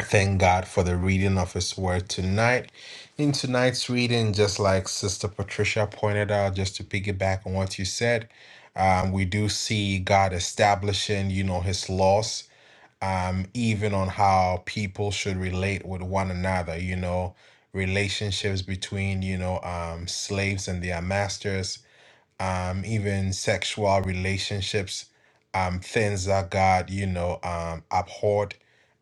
[SPEAKER 3] thank God for the reading of His Word tonight. In tonight's reading, just like Sister Patricia pointed out, just to piggyback on what you said, um, we do see God establishing, you know, His laws um, even on how people should relate with one another, you know, relationships between, you know, um, slaves and their masters, um, even sexual relationships, um, things that God, you know, um, abhorred.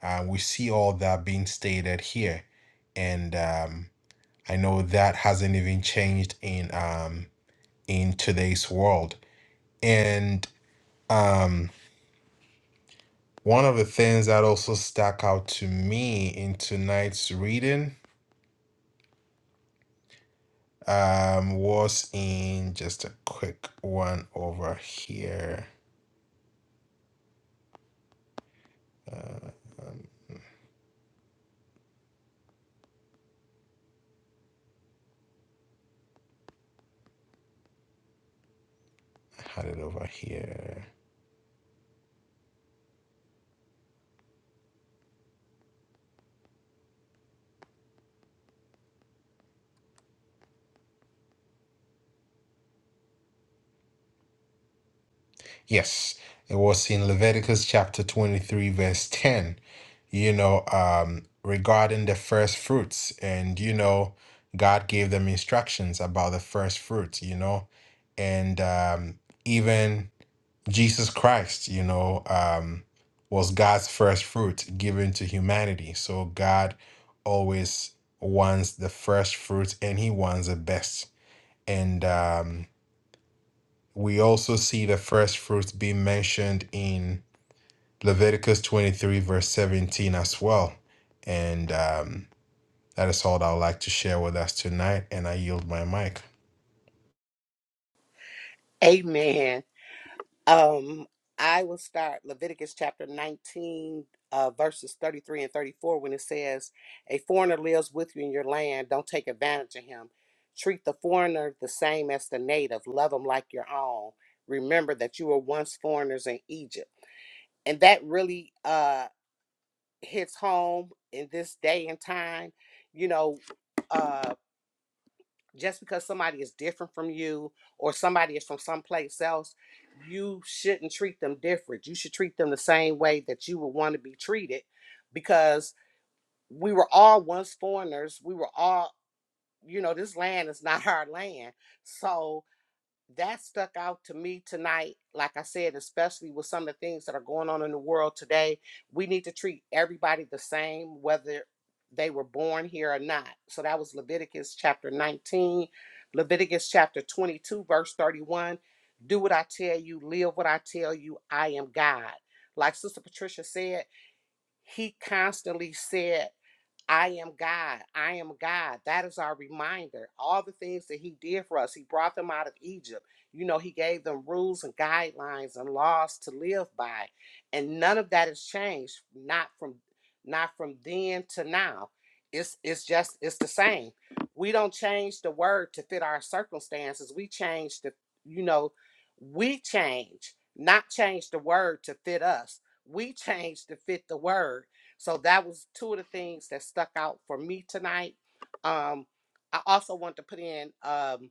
[SPEAKER 3] Uh, we see all that being stated here. And um, I know that hasn't even changed in um, in today's world. And um, One of the things that also stuck out to me in tonight's reading um, was in just a quick one over here. Uh, um, I had it over here. Yes, it was in Leviticus chapter 23, verse 10, you know, um, regarding the first fruits. And, you know, God gave them instructions about the first fruits, you know, and um, even. Jesus Christ, you know, um, was God's first fruit given to humanity. So God always wants the first fruit and he wants the best. And um, we also see the first fruits being mentioned in Leviticus 23, verse 17 as well. And um, that is all that I would like to share with us tonight. And I yield my mic.
[SPEAKER 1] Amen. Um, I will start Leviticus chapter 19, uh, verses 33 and 34, when it says, A foreigner lives with you in your land. Don't take advantage of him. Treat the foreigner the same as the native. Love him like your own. Remember that you were once foreigners in Egypt. And that really uh, hits home in this day and time. You know, uh, just because somebody is different from you or somebody is from someplace else, you shouldn't treat them different. You should treat them the same way that you would want to be treated because we were all once foreigners. We were all, you know, this land is not our land. So that stuck out to me tonight. Like I said, especially with some of the things that are going on in the world today, we need to treat everybody the same, whether they were born here or not. So that was Leviticus chapter 19, Leviticus chapter 22, verse 31. Do what I tell you, live what I tell you. I am God. Like Sister Patricia said, he constantly said I am God. I am God. That is our reminder. All the things that He did for us, He brought them out of Egypt. You know, He gave them rules and guidelines and laws to live by, and none of that has changed. Not from, not from then to now. It's it's just it's the same. We don't change the word to fit our circumstances. We change the you know, we change, not change the word to fit us. We change to fit the word so that was two of the things that stuck out for me tonight. Um, I also want to put in um,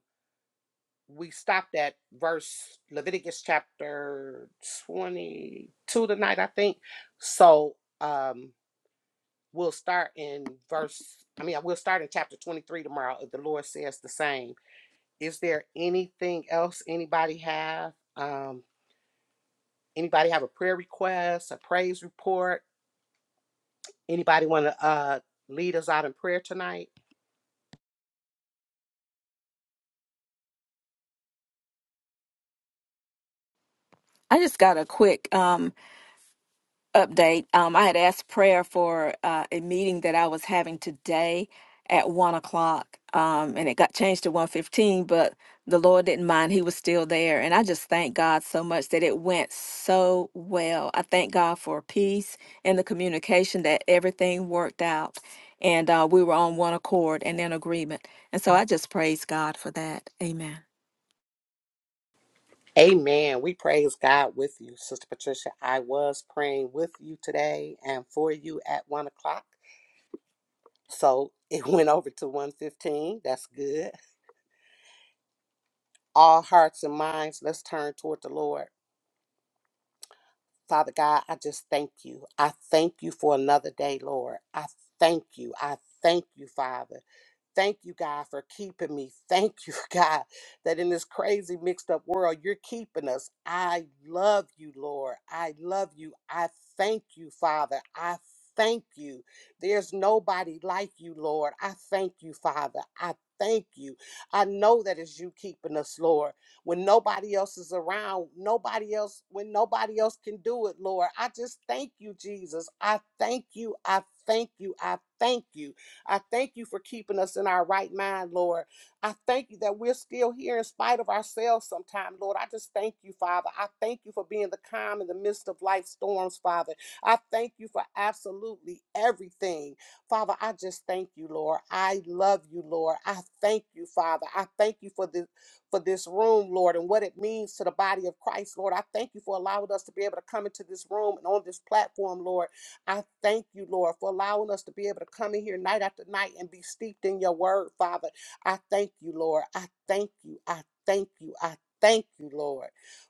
[SPEAKER 1] we stopped at verse Leviticus chapter 22 tonight, I think. So um, we'll start in verse, I mean, we'll start in chapter 23 tomorrow if the Lord says the same. Is there anything else anybody have? Um, anybody have a prayer request, a praise report? Anybody want to uh, lead us out in prayer tonight?
[SPEAKER 2] I just got a quick um update. Um, I had asked prayer for uh, a meeting that I was having today at one o'clock, um, and it got changed to one fifteen. But the Lord didn't mind; He was still there, and I just thank God so much that it went so well. I thank God for peace and the communication that everything worked out, and uh, we were on one accord and in agreement. And so I just praise God for that. Amen.
[SPEAKER 1] Amen. We praise God with you, Sister Patricia. I was praying with you today and for you at one o'clock. So it went over to 115. That's good. All hearts and minds, let's turn toward the Lord. Father God, I just thank you. I thank you for another day, Lord. I thank you. I thank you, Father. Thank you, God, for keeping me. Thank you, God, that in this crazy, mixed up world, you're keeping us. I love you, Lord. I love you. I thank you, Father. I thank you. There's nobody like you, Lord. I thank you, Father. I thank you. I know that it's you keeping us, Lord when nobody else is around, nobody else, when nobody else can do it, Lord. I just thank you, Jesus. I thank you. I thank you. I thank you. I thank you for keeping us in our right mind, Lord. I thank you that we're still here in spite of ourselves sometimes, Lord. I just thank you, Father. I thank you for being the calm in the midst of life storms, Father. I thank you for absolutely everything. Father, I just thank you, Lord. I love you, Lord. I thank you, Father. I thank you for the for this room, Lord, and what it means to the body of Christ, Lord. I thank you for allowing us to be able to come into this room and on this platform, Lord. I thank you, Lord, for allowing us to be able to come in here night after night and be steeped in your word, Father. I thank you, Lord. I thank you. I thank you. I thank you, Lord.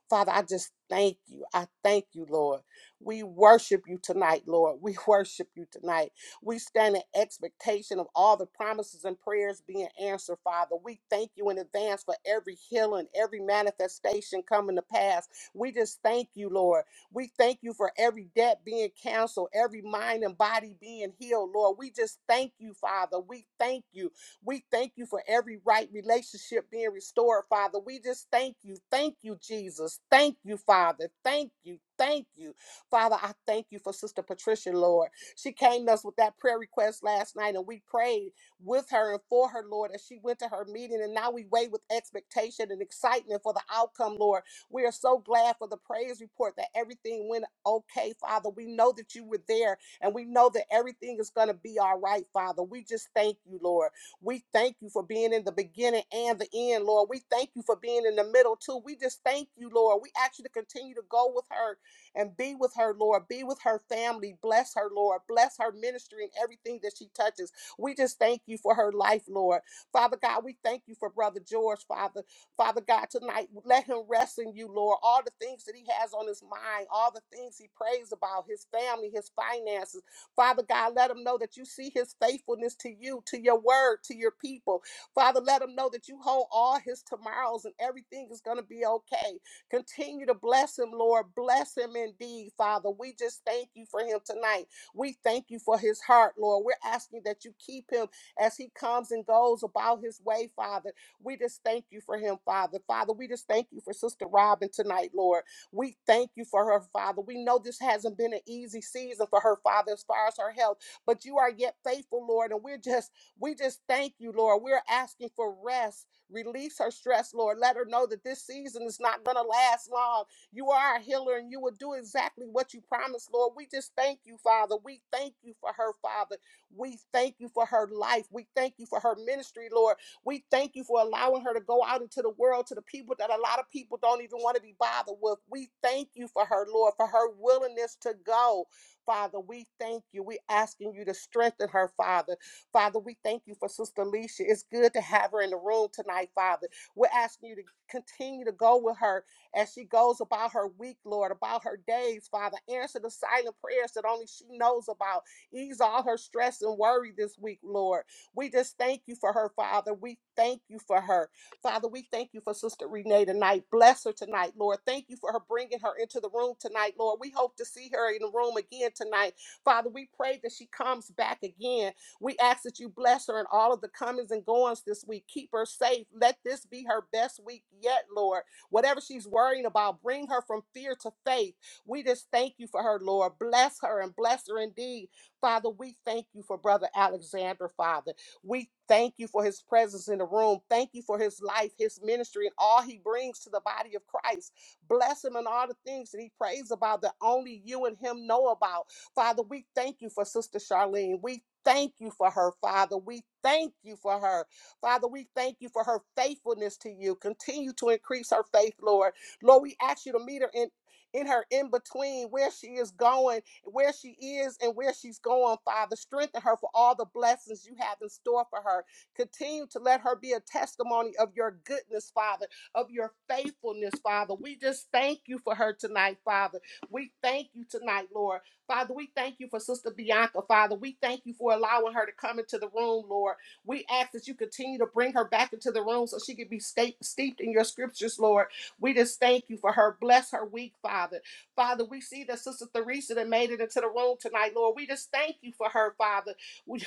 [SPEAKER 1] Father, I just thank you. I thank you, Lord. We worship you tonight, Lord. We worship you tonight. We stand in expectation of all the promises and prayers being answered, Father. We thank you in advance for every healing, every manifestation coming to pass. We just thank you, Lord. We thank you for every debt being canceled, every mind and body being healed, Lord. We just thank you, Father. We thank you. We thank you for every right relationship being restored, Father. We just thank you. Thank you, Jesus. Thank you, Father. Thank you. Thank you. Father, I thank you for Sister Patricia, Lord. She came to us with that prayer request last night, and we prayed with her and for her, Lord, as she went to her meeting. And now we wait with expectation and excitement for the outcome, Lord. We are so glad for the praise report that everything went okay, Father. We know that you were there, and we know that everything is going to be all right, Father. We just thank you, Lord. We thank you for being in the beginning and the end, Lord. We thank you for being in the middle, too. We just thank you, Lord. We ask you to continue to go with her and be with her, Lord. Be with her family. Bless her, Lord. Bless her ministry and everything that she touches. We just thank you for her life, Lord. Father God, we thank you for Brother George, Father. Father God, tonight, let him rest in you, Lord. All the things that he has on his mind, all the things he prays about, his family, his finances. Father God, let him know that you see his faithfulness to you, to your word, to your people. Father, let him know that you hold all his tomorrows and everything is going to be okay. Continue to bless him, Lord. Bless him indeed, Father. We just thank you for him tonight. We thank you for his heart, Lord. We're asking that you keep him as he comes and goes about his way, Father. We just thank you for him, Father. Father, we just thank you for Sister Robin tonight, Lord. We thank you for her, Father. We know this hasn't been an easy season for her, Father, as far as her health, but you are yet faithful, Lord. And we're just, we just thank you, Lord. We're asking for rest Release her stress, Lord. Let her know that this season is not going to last long. You are a healer and you will do exactly what you promised, Lord. We just thank you, Father. We thank you for her, Father. We thank you for her life. We thank you for her ministry, Lord. We thank you for allowing her to go out into the world to the people that a lot of people don't even want to be bothered with. We thank you for her, Lord, for her willingness to go. Father, we thank you. We asking you to strengthen her, Father. Father, we thank you for Sister Alicia. It's good to have her in the room tonight, Father. We're asking you to continue to go with her as she goes about her week, Lord, about her days, Father. Answer the silent prayers that only she knows about. Ease all her stress and worry this week, Lord. We just thank you for her, Father. We thank you for her. Father, we thank you for Sister Renee tonight. Bless her tonight, Lord. Thank you for her bringing her into the room tonight, Lord. We hope to see her in the room again tonight. Father, we pray that she comes back again we ask that you bless her in all of the comings and goings this week. Keep her safe. Let this be her best week yet, Lord. Whatever she's worrying about, bring her from fear to faith. We just thank you for her, Lord. Bless her and bless her indeed. Father, we thank you for Brother Alexander, Father. We thank you for his presence in the room. Thank you for his life, his ministry, and all he brings to the body of Christ. Bless him and all the things that he prays about that only you and him know about. Father, we thank you for Sister Charlene. We thank you for her, Father. We thank you for her. Father, we thank you for her faithfulness to you. Continue to increase her faith, Lord. Lord, we ask you to meet her in. In her in between, where she is going, where she is, and where she's going, Father. Strengthen her for all the blessings you have in store for her. Continue to let her be a testimony of your goodness, Father, of your faithfulness, Father. We just thank you for her tonight, Father. We thank you tonight, Lord. Father, we thank you for Sister Bianca. Father, we thank you for allowing her to come into the room, Lord. We ask that you continue to bring her back into the room so she can be sta- steeped in your scriptures, Lord. We just thank you for her. Bless her week, Father. Father, we see that Sister Theresa that made it into the room tonight, Lord. We just thank you for her, Father. We,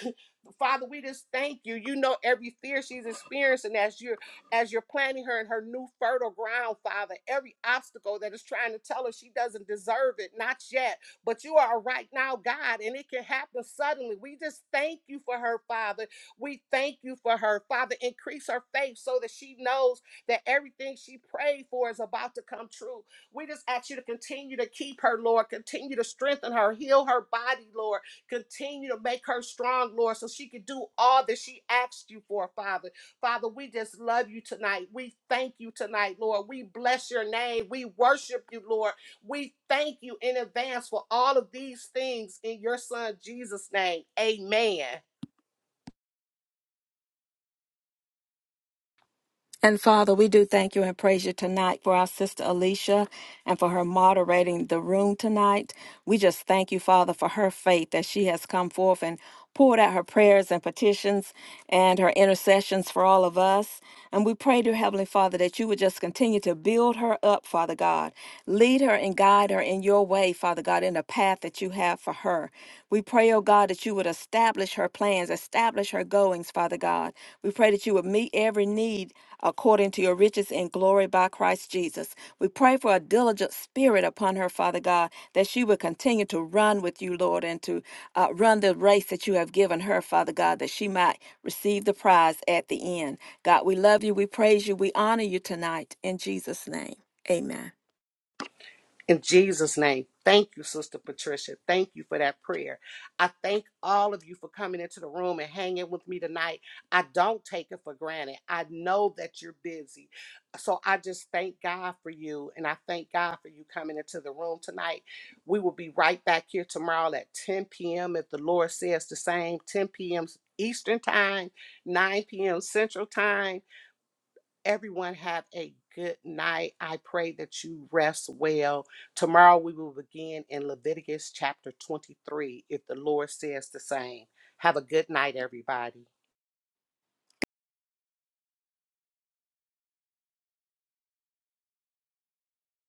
[SPEAKER 1] Father, we just thank you. You know every fear she's experiencing as you're as you're planting her in her new fertile ground, Father. Every obstacle that is trying to tell her she doesn't deserve it, not yet. But you are right now, God, and it can happen suddenly. We just thank you for her, Father. We thank you for her, Father. Increase her faith so that she knows that everything she prayed for is about to come true. We just ask you to continue to keep her, Lord. Continue to strengthen her, heal her body, Lord. Continue to make her strong, Lord, so she can do all that she asked you for, Father. Father, we just love you tonight. We thank you tonight, Lord. We bless your name. We worship you, Lord. We thank you in advance for all of these things in your son Jesus' name. Amen.
[SPEAKER 2] And Father, we do thank you and praise you tonight for our sister Alicia and for her moderating the room tonight. We just thank you, Father, for her faith that she has come forth and poured out her prayers and petitions and her intercessions for all of us. And we pray, dear Heavenly Father, that you would just continue to build her up, Father God. Lead her and guide her in your way, Father God, in the path that you have for her. We pray pray, oh God, that you would establish her plans, establish her goings, Father God. We pray that you would meet every need according to your riches and glory by Christ Jesus. We pray for a diligent spirit upon her, Father God, that she would continue to run with you, Lord, and to uh, run the race that you have given her, Father God, that she might receive the prize at the end. God, we love you, we praise you, we honor you tonight. In Jesus' name, amen.
[SPEAKER 1] In Jesus' name, thank you, Sister Patricia. Thank you for that prayer. I thank all of you for coming into the room and hanging with me tonight. I don't take it for granted. I know that you're busy. So I just thank God for you. And I thank God for you coming into the room tonight. We will be right back here tomorrow at 10 p.m. if the Lord says the same, 10 p.m. Eastern Time, 9 p.m. Central Time. Everyone have a good night. I pray that you rest well. Tomorrow we will begin in Leviticus chapter 23 if the Lord says the same. Have a good night, everybody.